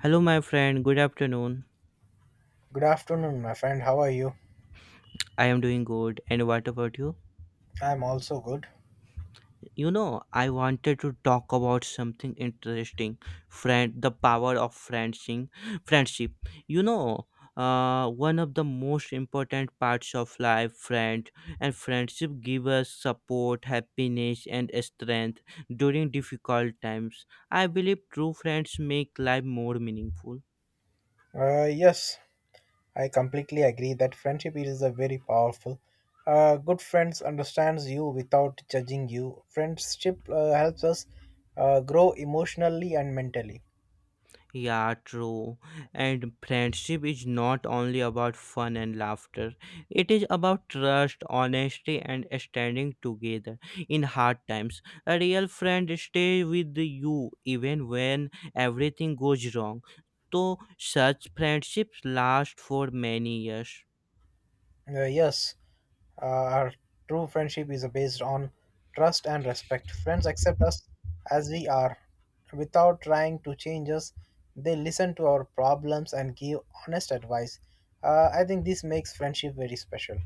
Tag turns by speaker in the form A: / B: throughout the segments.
A: Hello, my friend. Good afternoon.
B: Good afternoon, my friend. How are you?
A: I am doing good. And what about you?
B: I'm also good.
A: You know, I wanted to talk about something interesting. Friend, the power of friendship. Friendship. You know, one of the most important parts of life, friend, and friendship give us support, happiness, and strength during difficult times. I believe true friends make life more meaningful.
B: Yes, I completely agree that friendship is a very powerful. Good friends understands you without judging you. Friendship helps us grow emotionally and mentally.
A: Yeah, true. And friendship is not only about fun and laughter, it is about trust, honesty, and standing together in hard times. A real friend stays with you even when everything goes wrong. So, such friendships last for many years.
B: Uh, yes, our true friendship is based on trust and respect. Friends accept us as we are without trying to change us. They listen to our problems and give honest advice. I think this makes friendship very special.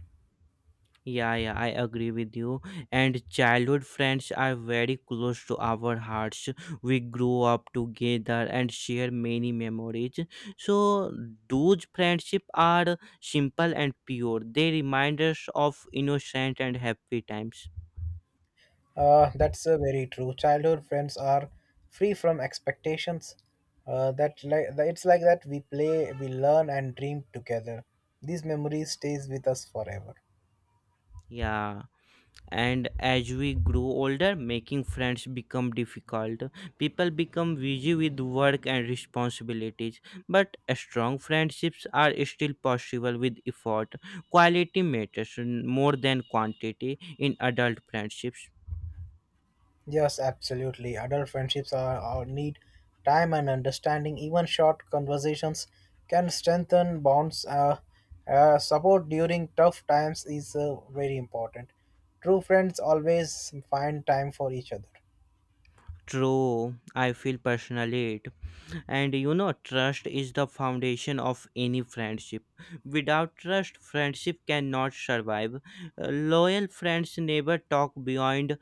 A: Yeah, yeah, I agree with you. And childhood friends are very close to our hearts. We grow up together and share many memories. So those friendships are simple and pure. They remind us of innocent and happy times.
B: That's very true. Childhood friends are free from expectations. That like it's like that we play, we learn and dream together. These memories stays with us forever.
A: Yeah, and as we grow older, making friends become difficult. People become busy with work and responsibilities, but strong friendships are still possible with effort. Quality matters more than quantity in adult friendships.
B: Yes, absolutely. Adult friendships are need time and understanding. Even short conversations can strengthen bonds. Support during tough times is very important. True friends always find time for each other.
A: True, I feel personally it. And, trust is the foundation of any friendship. Without trust, friendship cannot survive. Loyal friends never talk behind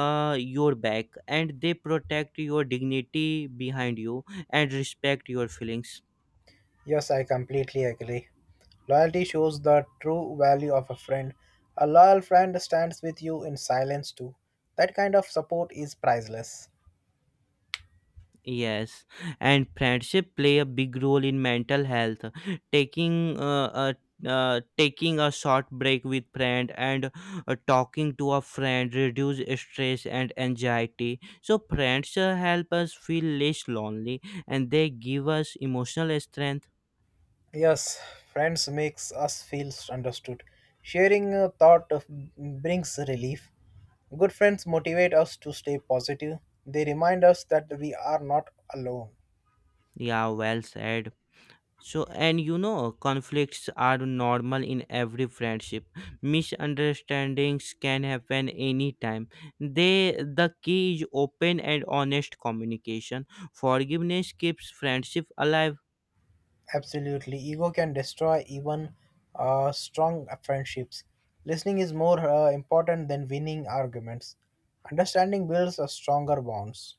A: your back, and they protect your dignity behind you and respect your feelings.
B: Yes, I completely agree. Loyalty shows the true value of a friend. A loyal friend stands with you in silence too. That kind of support is priceless.
A: Yes, and friendship play a big role in mental health. Taking uh, taking a short break with friend and talking to a friend reduce stress and anxiety. So friends help us feel less lonely, and they give us emotional strength.
B: Yes, friends makes us feel understood. Sharing a thought of- Brings relief. Good friends motivate us to stay positive. They remind us that we are not alone.
A: Yeah, well said. So, conflicts are normal in every friendship. Misunderstandings can happen anytime. The key is open and honest communication. Forgiveness keeps friendship alive.
B: Absolutely, ego can destroy even strong friendships. Listening is more important than winning arguments. Understanding builds a stronger bonds.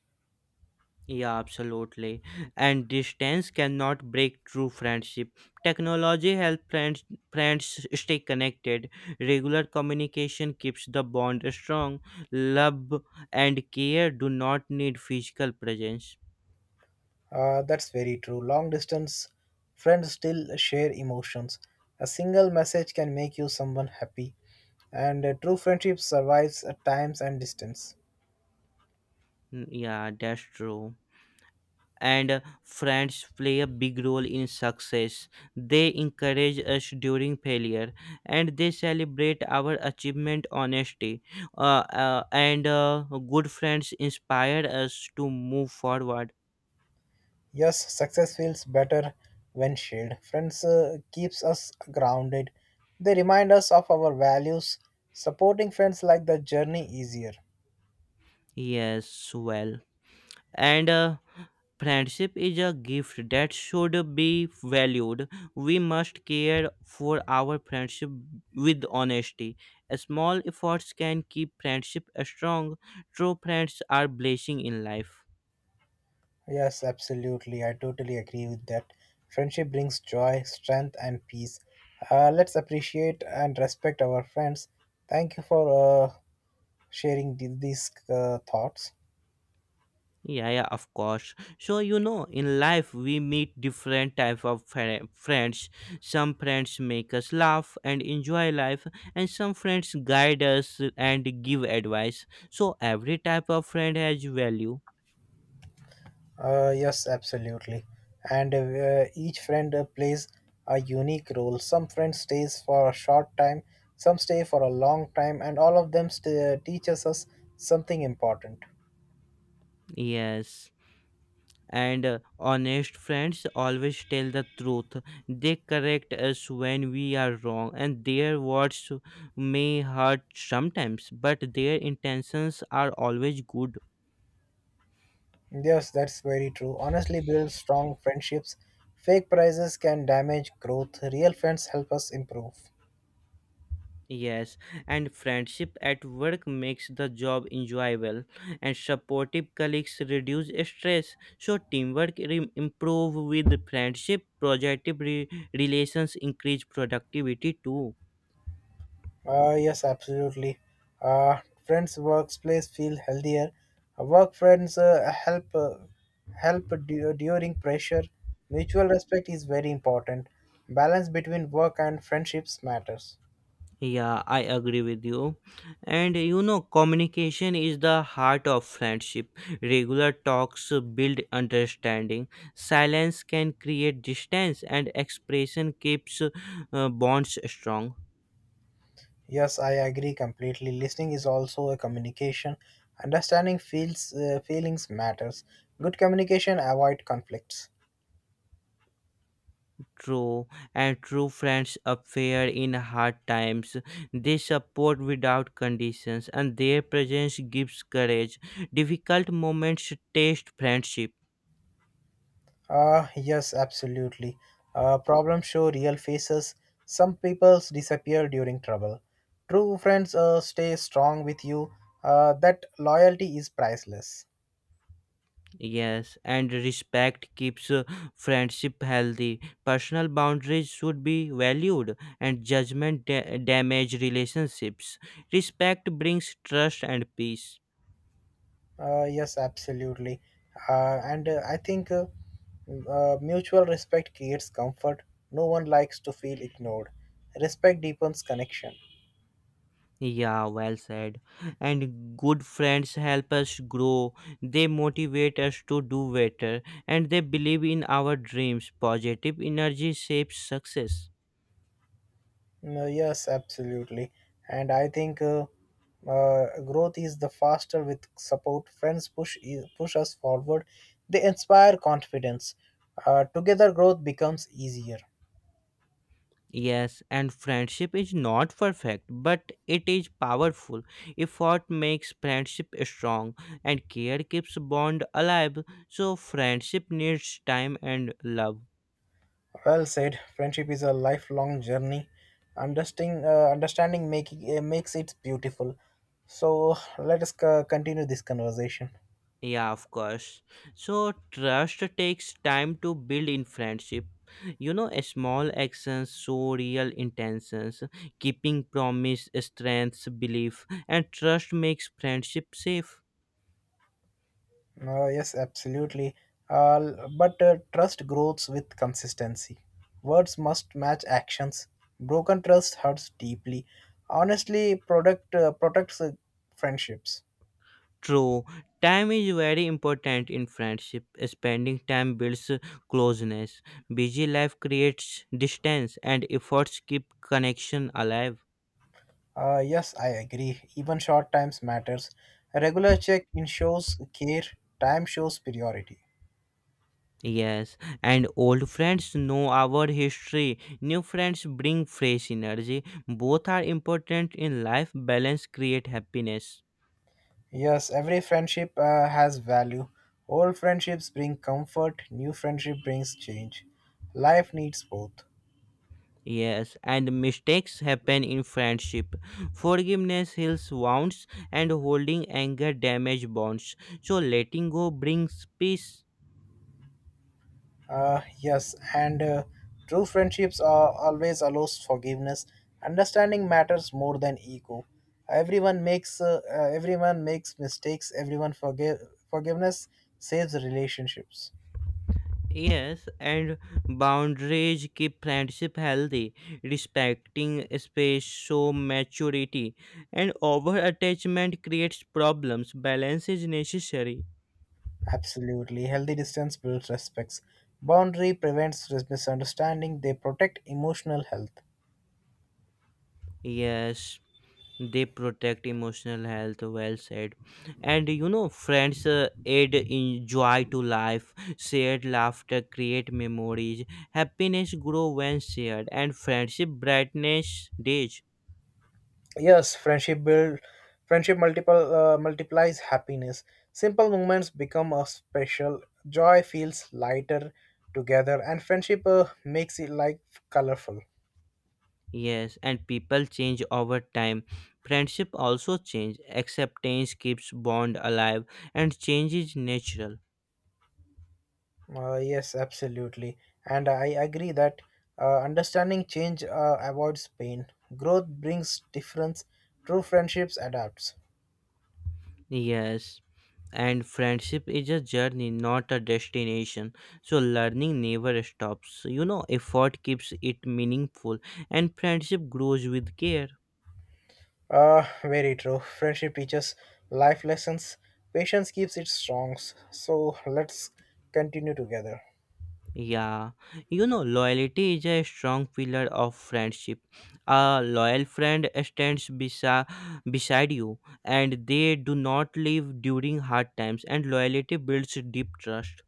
A: Yeah, absolutely. And distance cannot break true friendship. Technology helps friends stay connected. Regular communication keeps the bond strong. Love and care do not need physical presence.
B: That's very true. Long distance friends still share emotions. A single message can make you someone happy, and a true friendship survives times and distance.
A: Mm, yeah, that's true. And friends play a big role in success. They encourage us during failure, and they celebrate our achievement honestly. And good friends inspire us to move forward.
B: Yes, success feels better when shared. Friends keeps us grounded. They remind us of our values. Supporting friends like the journey easier.
A: Yes, well. And friendship is a gift that should be valued. We must care for our friendship with honesty. Small efforts can keep friendship strong. True friends are blessing in life.
B: Yes, absolutely. I totally agree with that. Friendship brings joy, strength, and peace. Let's appreciate and respect our friends. Thank you for sharing these thoughts.
A: Yeah, yeah, of course. So, in life we meet different type of friends. Some friends make us laugh and enjoy life, and some friends guide us and give advice. So every type of friend has value.
B: Yes, absolutely. And each friend plays a unique role. Some friends stays for a short time, some stay for a long time, and all of them stay, teaches us something important.
A: Yes, and honest friends always tell the truth. They correct us when we are wrong, and their words may hurt sometimes, but their intentions are always good.
B: Yes, that's very true. Honestly, build strong friendships. Fake prizes can damage growth. Real friends help us improve.
A: Yes, and friendship at work makes the job enjoyable, and supportive colleagues reduce stress. So teamwork improve with friendship. Projective relations increase productivity too.
B: Yes, absolutely. Uh, Friends' workplace feel healthier. Work friends help help during pressure. Mutual respect is very important. Balance between work and friendships matters.
A: Yeah, I agree with you. And you know, communication is the heart of friendship. Regular talks build understanding. Silence can create distance, and expression keeps bonds strong.
B: Yes, I agree completely. Listening is also a communication. Understanding feels feelings matters. Good communication avoid conflicts.
A: True, and true friends appear in hard times. They support without conditions, and their presence gives courage. Difficult moments test friendship.
B: Yes, absolutely. Problems show real faces. Some people disappear during trouble. True friends stay strong with you. That loyalty is priceless.
A: Yes, and respect keeps friendship healthy. Personal boundaries should be valued, and judgment damage relationships. Respect brings trust and peace.
B: Yes, absolutely. And I think Mutual respect creates comfort. No one likes to feel ignored. Respect deepens connection.
A: Yeah, well said. And good friends help us grow. They motivate us to do better, and they believe in our dreams. Positive energy shapes success.
B: Yes, absolutely. And I think growth is the faster with support. Friends push us forward. They inspire confidence. Together, growth becomes easier.
A: Yes, and friendship is not perfect, but it is powerful. Effort makes friendship strong, and care keeps bond alive. So friendship needs time and love.
B: Well said. Friendship is a lifelong journey. Understanding, understanding making makes it beautiful. So let us continue this conversation.
A: Yeah, of course. So trust takes time to build in friendship. You know, a small actions show real intentions. Keeping promise strengthens belief, and trust makes friendship safe.
B: Yes, absolutely. But trust grows with consistency. Words must match actions. Broken trust hurts deeply. Honestly, product protects friendships.
A: True, time is very important in friendship. Spending time builds closeness. Busy life creates distance, and efforts keep connection alive.
B: Yes, I agree. Even short times matters. A regular check in shows care. Time shows priority.
A: Yes, and old friends know our history. New friends bring fresh energy. Both are important in life. Balance create happiness.
B: Yes, every friendship has value. Old friendships bring comfort, new friendship brings change. Life needs both.
A: Yes, and mistakes happen in friendship. Forgiveness heals wounds, and holding anger damages bonds. So, letting go brings peace.
B: Yes, and true friendships are always allows forgiveness. Understanding matters more than ego. Everyone makes mistakes. Everyone forgive forgiveness saves relationships.
A: Yes, and boundaries keep friendship healthy. Respecting space show maturity, and over attachment creates problems. Balance is necessary.
B: Absolutely, healthy distance builds respects. Boundary prevents misunderstanding. They protect emotional health.
A: Yes, they protect emotional health, well said. And you know, friends add in joy to life. Shared laughter create memories. Happiness grow when shared, and friendship brightness days.
B: Yes, friendship multiple multiplies happiness. Simple moments become a special. Joy feels lighter together, and friendship makes it like colorful.
A: Yes, and people change over time. Friendship also change. Acceptance keeps bond alive, and change is natural.
B: Yes, absolutely, and I agree that understanding change avoids pain. Growth brings difference. True friendships adapts.
A: Yes, and friendship is a journey, not a destination. So learning never stops. You know, effort keeps it meaningful, and friendship grows with care.
B: Very true. Friendship teaches life lessons. Patience keeps it strong. So let's continue together.
A: Yeah, you know, loyalty is a strong pillar of friendship. A loyal friend stands beside you, and they do not leave during hard times. And loyalty builds deep trust.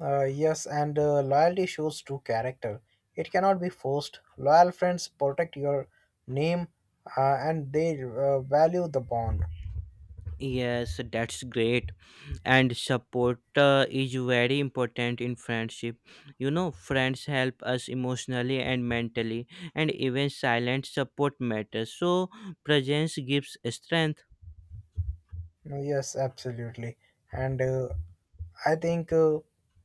B: Yes, and loyalty shows true character. It cannot be forced. Loyal friends protect your name and they value the bond.
A: Yes, that's great. And support is very important in friendship. You know, friends help us emotionally and mentally, and even silent support matters. So presence gives strength.
B: Yes, absolutely. And I think uh,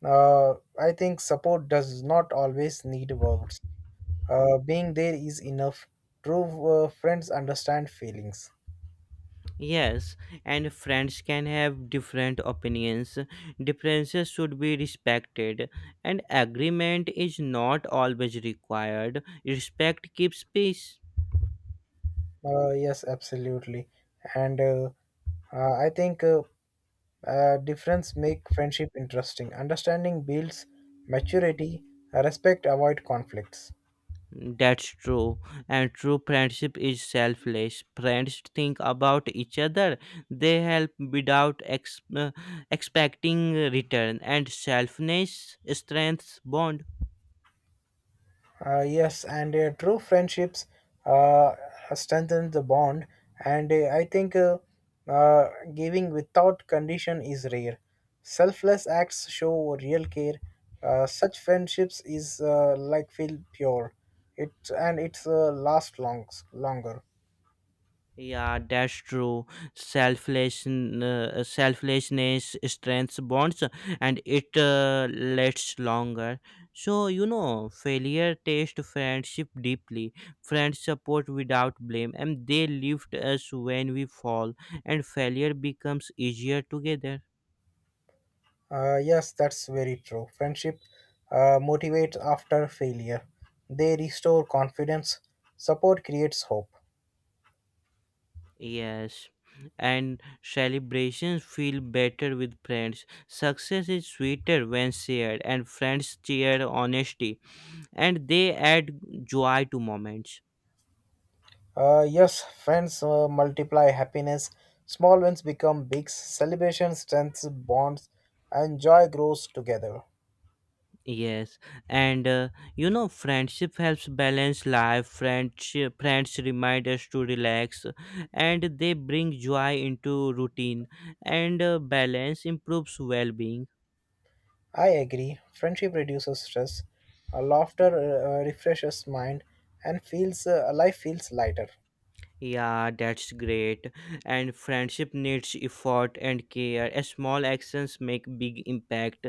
B: uh, I think support does not always need words. Being there is enough. True friends understand feelings.
A: Yes, and friends can have different opinions. Differences should be respected, and agreement is not always required. Respect keeps peace.
B: Yes, absolutely. And I think Difference make friendship interesting. Understanding builds maturity. Respect avoid conflicts.
A: That's true. And true friendship is selfless. Friends think about each other. They help without expecting return. And selflessness strengthens bond.
B: Yes, and true friendships uh, strengthen the bond. And I think giving without condition is rare. Selfless acts show real care. Such friendships is like feel pure. It and it's last longs longer.
A: Yeah, that's true. Selflessness strengths bonds, and it lasts longer. So you know, failure taste friendship deeply. Friends support without blame, and they lift us when we fall, and failure becomes easier together.
B: Yes, that's very true. Friendship motivates after failure. They restore confidence. Support creates hope.
A: Yes, and celebrations feel better with friends. Success is sweeter when shared, and friends cheer honesty and they add joy to moments.
B: Yes, friends multiply happiness. Small wins become big. Celebration strengthens bonds, and joy grows together.
A: Yes, and you know, friendship helps balance life. Friends remind us to relax, and they bring joy into routine. And balance improves well-being.
B: I agree. Friendship reduces stress. Laughter refreshes mind, and feels life feels lighter.
A: Yeah, that's great. And friendship needs effort and care. Small actions make big impact.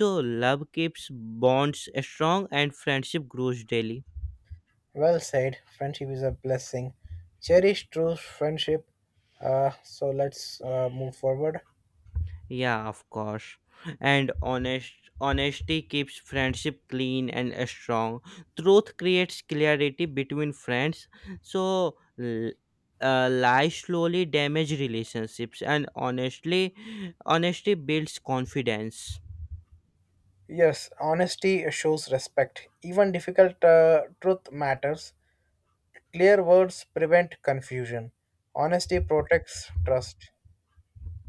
A: So love keeps bonds strong, and friendship grows daily.
B: Well said. Friendship is a blessing. Cherish true friendship. So let's move forward.
A: Yeah, of course. And honesty keeps friendship clean and strong. Truth creates clarity between friends. So lies slowly damage relationships, and honesty builds confidence.
B: Yes, honesty shows respect. Even difficult truth matters. Clear words prevent confusion. Honesty protects trust.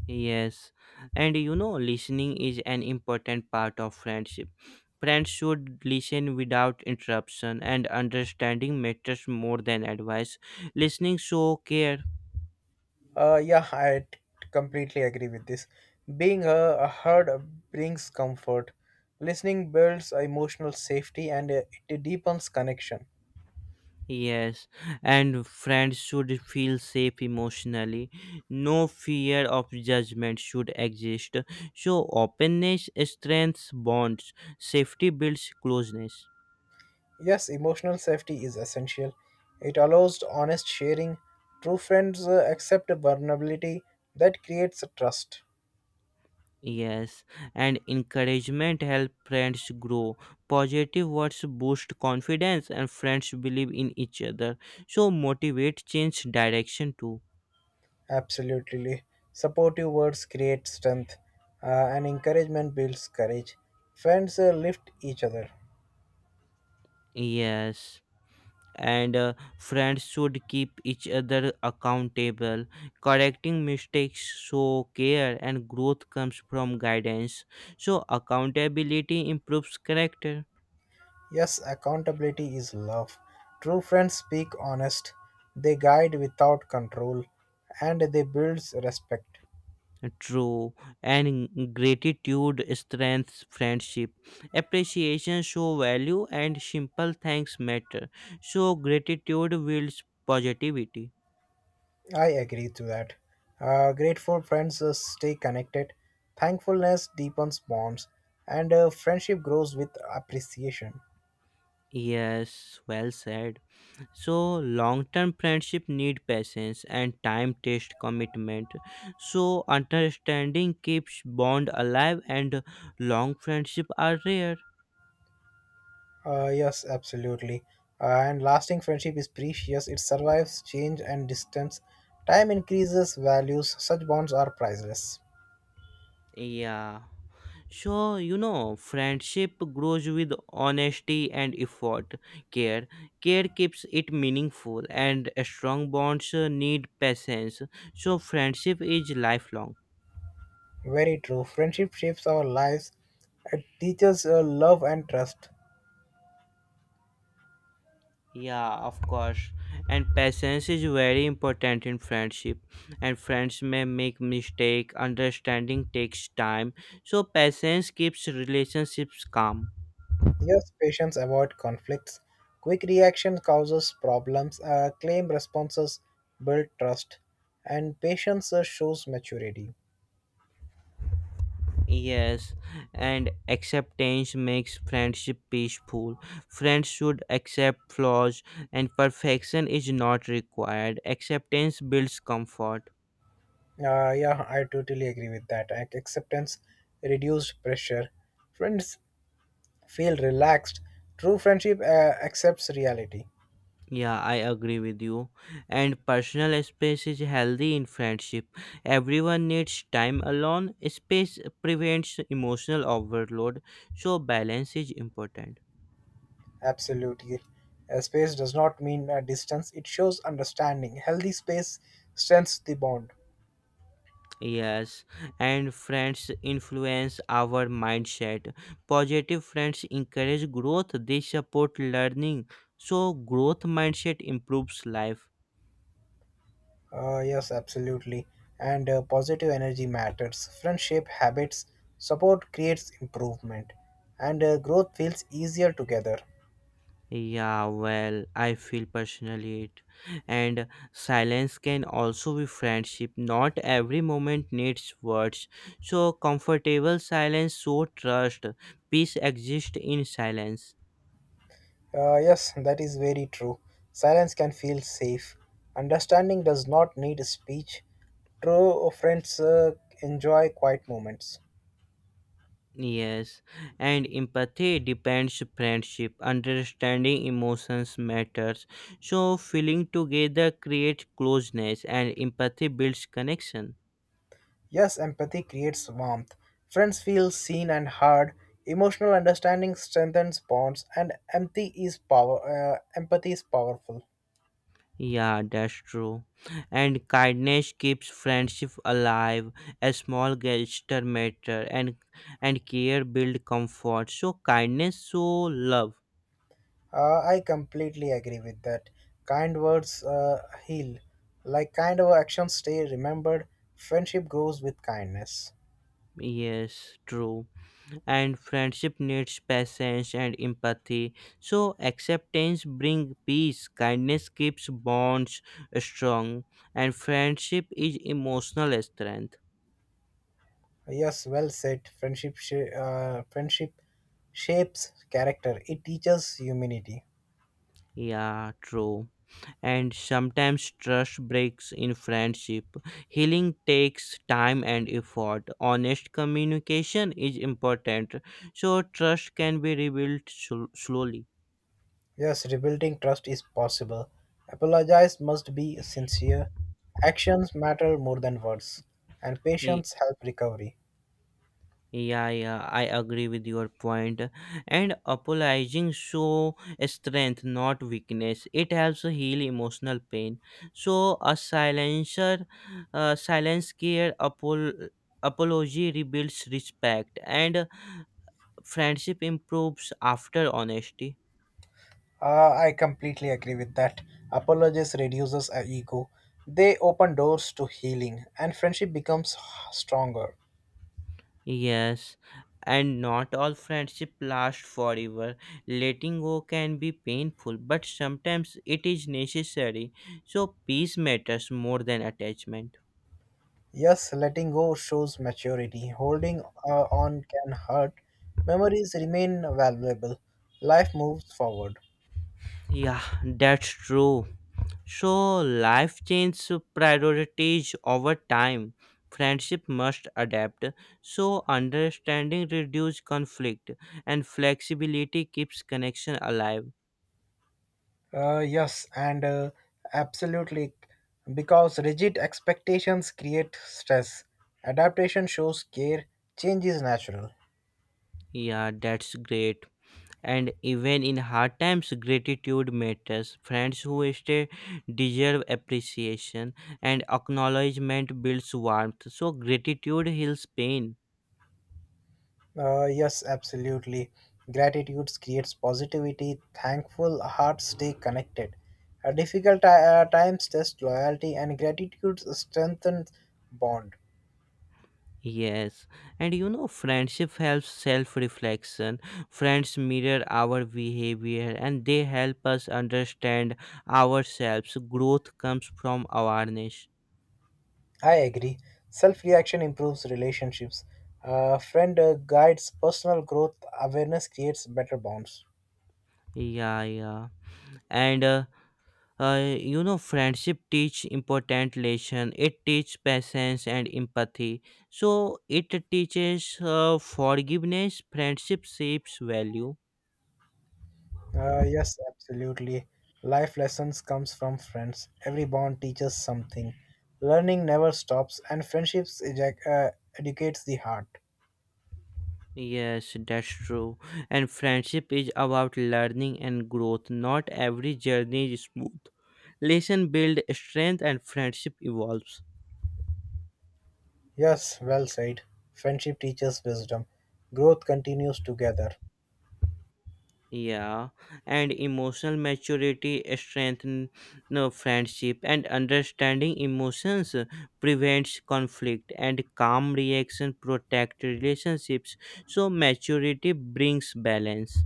A: Yes, and you know, listening is an important part of friendship. Friends should listen without interruption, and understanding matters more than advice. Listening show care.
B: Yeah, I completely agree with this. Being heard brings comfort. Listening builds emotional safety and it deepens connection.
A: Yes, and friends should feel safe emotionally. No fear of judgment should exist. So, openness strengthens bonds, safety builds closeness.
B: Yes, emotional safety is essential. It allows honest sharing. True friends accept vulnerability that creates trust.
A: Yes, and encouragement helps friends grow. Positive words boost confidence, and friends believe in each other. So, motivate change direction too.
B: Absolutely. Supportive words create strength, and encouragement builds courage. Friends lift each other.
A: Yes, and friends should keep each other accountable. Correcting mistakes show care, and growth comes from guidance. So, accountability improves character.
B: Yes, accountability is love. True friends speak honest, they guide without control, and they build respect.
A: True, and gratitude strengthens friendship. Appreciation show value, and simple thanks matter. So, gratitude builds positivity.
B: I agree to that. Grateful friends stay connected, thankfulness deepens bonds, and friendship grows with appreciation.
A: Yes, well said. So long-term friendship need patience and time-test commitment. So understanding keeps bond alive, and long friendship are rare.
B: Yes, absolutely. And lasting friendship is precious, it survives change and distance. Time increases values, such bonds are priceless.
A: Yeah, so you know, friendship grows with honesty and effort. Care care keeps it meaningful, and strong bonds need patience. So friendship is lifelong.
B: Very true. Friendship shapes our lives, it teaches love and trust.
A: Yeah, of course. And patience is very important in friendship. And friends may make mistake. Understanding takes time. So patience keeps relationships calm.
B: Yes, patients avoid conflicts. Quick reaction causes problems. Claim responses build trust, and patience shows maturity.
A: Yes, and acceptance makes friendship peaceful. Friends should accept flaws, and perfection is not required. Acceptance builds comfort.
B: Yeah, I totally agree with that. Acceptance reduced pressure. Friends feel relaxed. True friendship accepts reality.
A: Yeah, I agree with you. And personal space is healthy in friendship. Everyone needs time alone. Space prevents emotional overload, so balance is important.
B: Absolutely. A space does not mean a distance, it shows understanding. Healthy space strengthens the bond.
A: Yes, and friends influence our mindset. Positive friends encourage growth, they support learning. So, growth mindset improves life.
B: Yes, absolutely. And positive energy matters. Friends shape habits, support creates improvement, and growth feels easier together.
A: Yeah, well, I feel personally it. And silence can also be friendship. Not every moment needs words. So, comfortable silence, so trust. Peace exists in silence.
B: Yes, that is very true. Silence can feel safe. Understanding does not need speech. True friends enjoy quiet moments.
A: Yes, and empathy depends friendship. Understanding emotions matters. So, feeling together creates closeness, and empathy builds connection.
B: Yes, empathy creates warmth. Friends feel seen and heard. Emotional understanding strengthens bonds, and empathy is power. Empathy is powerful.
A: Yeah, that's true. And kindness keeps friendship alive. A small gesture matter, and care build comfort. So kindness, so love.
B: I completely agree with that. Kind words heal. Like kind of actions stay remembered, friendship grows with kindness.
A: Yes, true. And friendship needs patience and empathy. So acceptance bring peace. Kindness keeps bonds strong, and friendship is emotional strength.
B: Yes, well said. Friendship shapes character. It teaches humanity.
A: Yeah, true. And sometimes trust breaks in friendship. Healing takes time and effort. Honest communication is important, so trust can be rebuilt slowly.
B: Yes, rebuilding trust is possible. Apologize must be sincere. Actions matter more than words, and patience help recovery.
A: Yeah, yeah, I agree with your point. And apologizing show strength, not weakness. It helps heal emotional pain. So a silencer, silence care, apology rebuilds respect, and friendship improves after honesty.
B: I completely agree with that. Apologies reduces our ego. They open doors to healing, and friendship becomes stronger.
A: Yes, and not all friendship lasts forever. Letting go can be painful, but sometimes it is necessary. So peace matters more than attachment.
B: Yes, letting go shows maturity. Holding on can hurt. Memories remain valuable. Life moves forward.
A: Yeah, that's true. So life changes priorities over time. Friendship must adapt. So understanding reduces conflict, and flexibility keeps connection alive.
B: Yes, and absolutely, because rigid expectations create stress. Adaptation shows care. Change is natural.
A: Yeah, that's great. And even in hard times, gratitude matters. Friends who stay deserve appreciation, and acknowledgement builds warmth. So, gratitude heals pain.
B: Yes, absolutely. Gratitude creates positivity. Thankful hearts stay connected. Difficult times test loyalty, and gratitude strengthens bond.
A: Yes, and you know, friendship helps self reflection. Friends mirror our behavior, and they help us understand ourselves. Growth comes from awareness.
B: I agree. Self-reaction improves relationships. Friend guides personal growth. Awareness creates better bonds.
A: Yeah, yeah. And you know, friendship teach important lesson. It teach patience and empathy. So it teaches forgiveness. Friendship shapes value.
B: Yes, absolutely. Life lessons comes from friends. Every bond teaches something. Learning never stops, and friendships eject, educates the heart.
A: Yes, that's true. And friendship is about learning and growth. Not every journey is smooth. Lesson build strength, and friendship evolves.
B: Yes, well said. Friendship teaches wisdom. Growth continues together.
A: Yeah, and emotional maturity strengthens friendship, and understanding emotions prevents conflict, and calm reaction protect relationships. So maturity brings balance.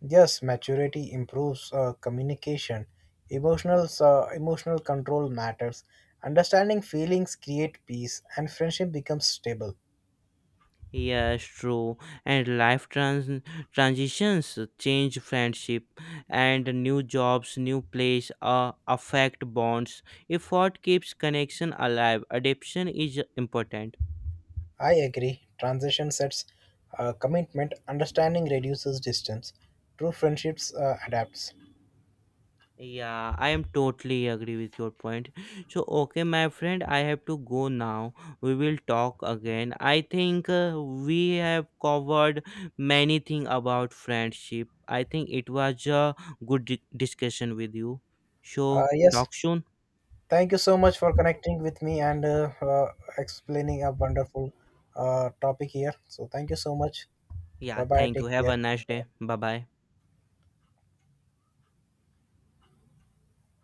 B: Yes, maturity improves communication. Emotional emotional control matters. Understanding feelings create peace, and friendship becomes stable.
A: Yes, true. And transitions change friendship, and new jobs, new place affect bonds. Effort keeps connection alive. Adaptation is important.
B: I agree. Transition sets commitment. Understanding reduces distance. True friendships adapts.
A: Yeah, I am totally agree with your point. So, okay, my friend, I have to go now. We will talk again. I think we have covered many things about friendship. I think it was a good discussion with you. So,
B: Yes,
A: talk soon.
B: thank you so much for connecting with me and explaining a wonderful topic here. So thank you so much. Bye
A: Yeah,
B: bye.
A: thank you.
B: Take
A: Have a
B: care.
A: nice day. Bye bye.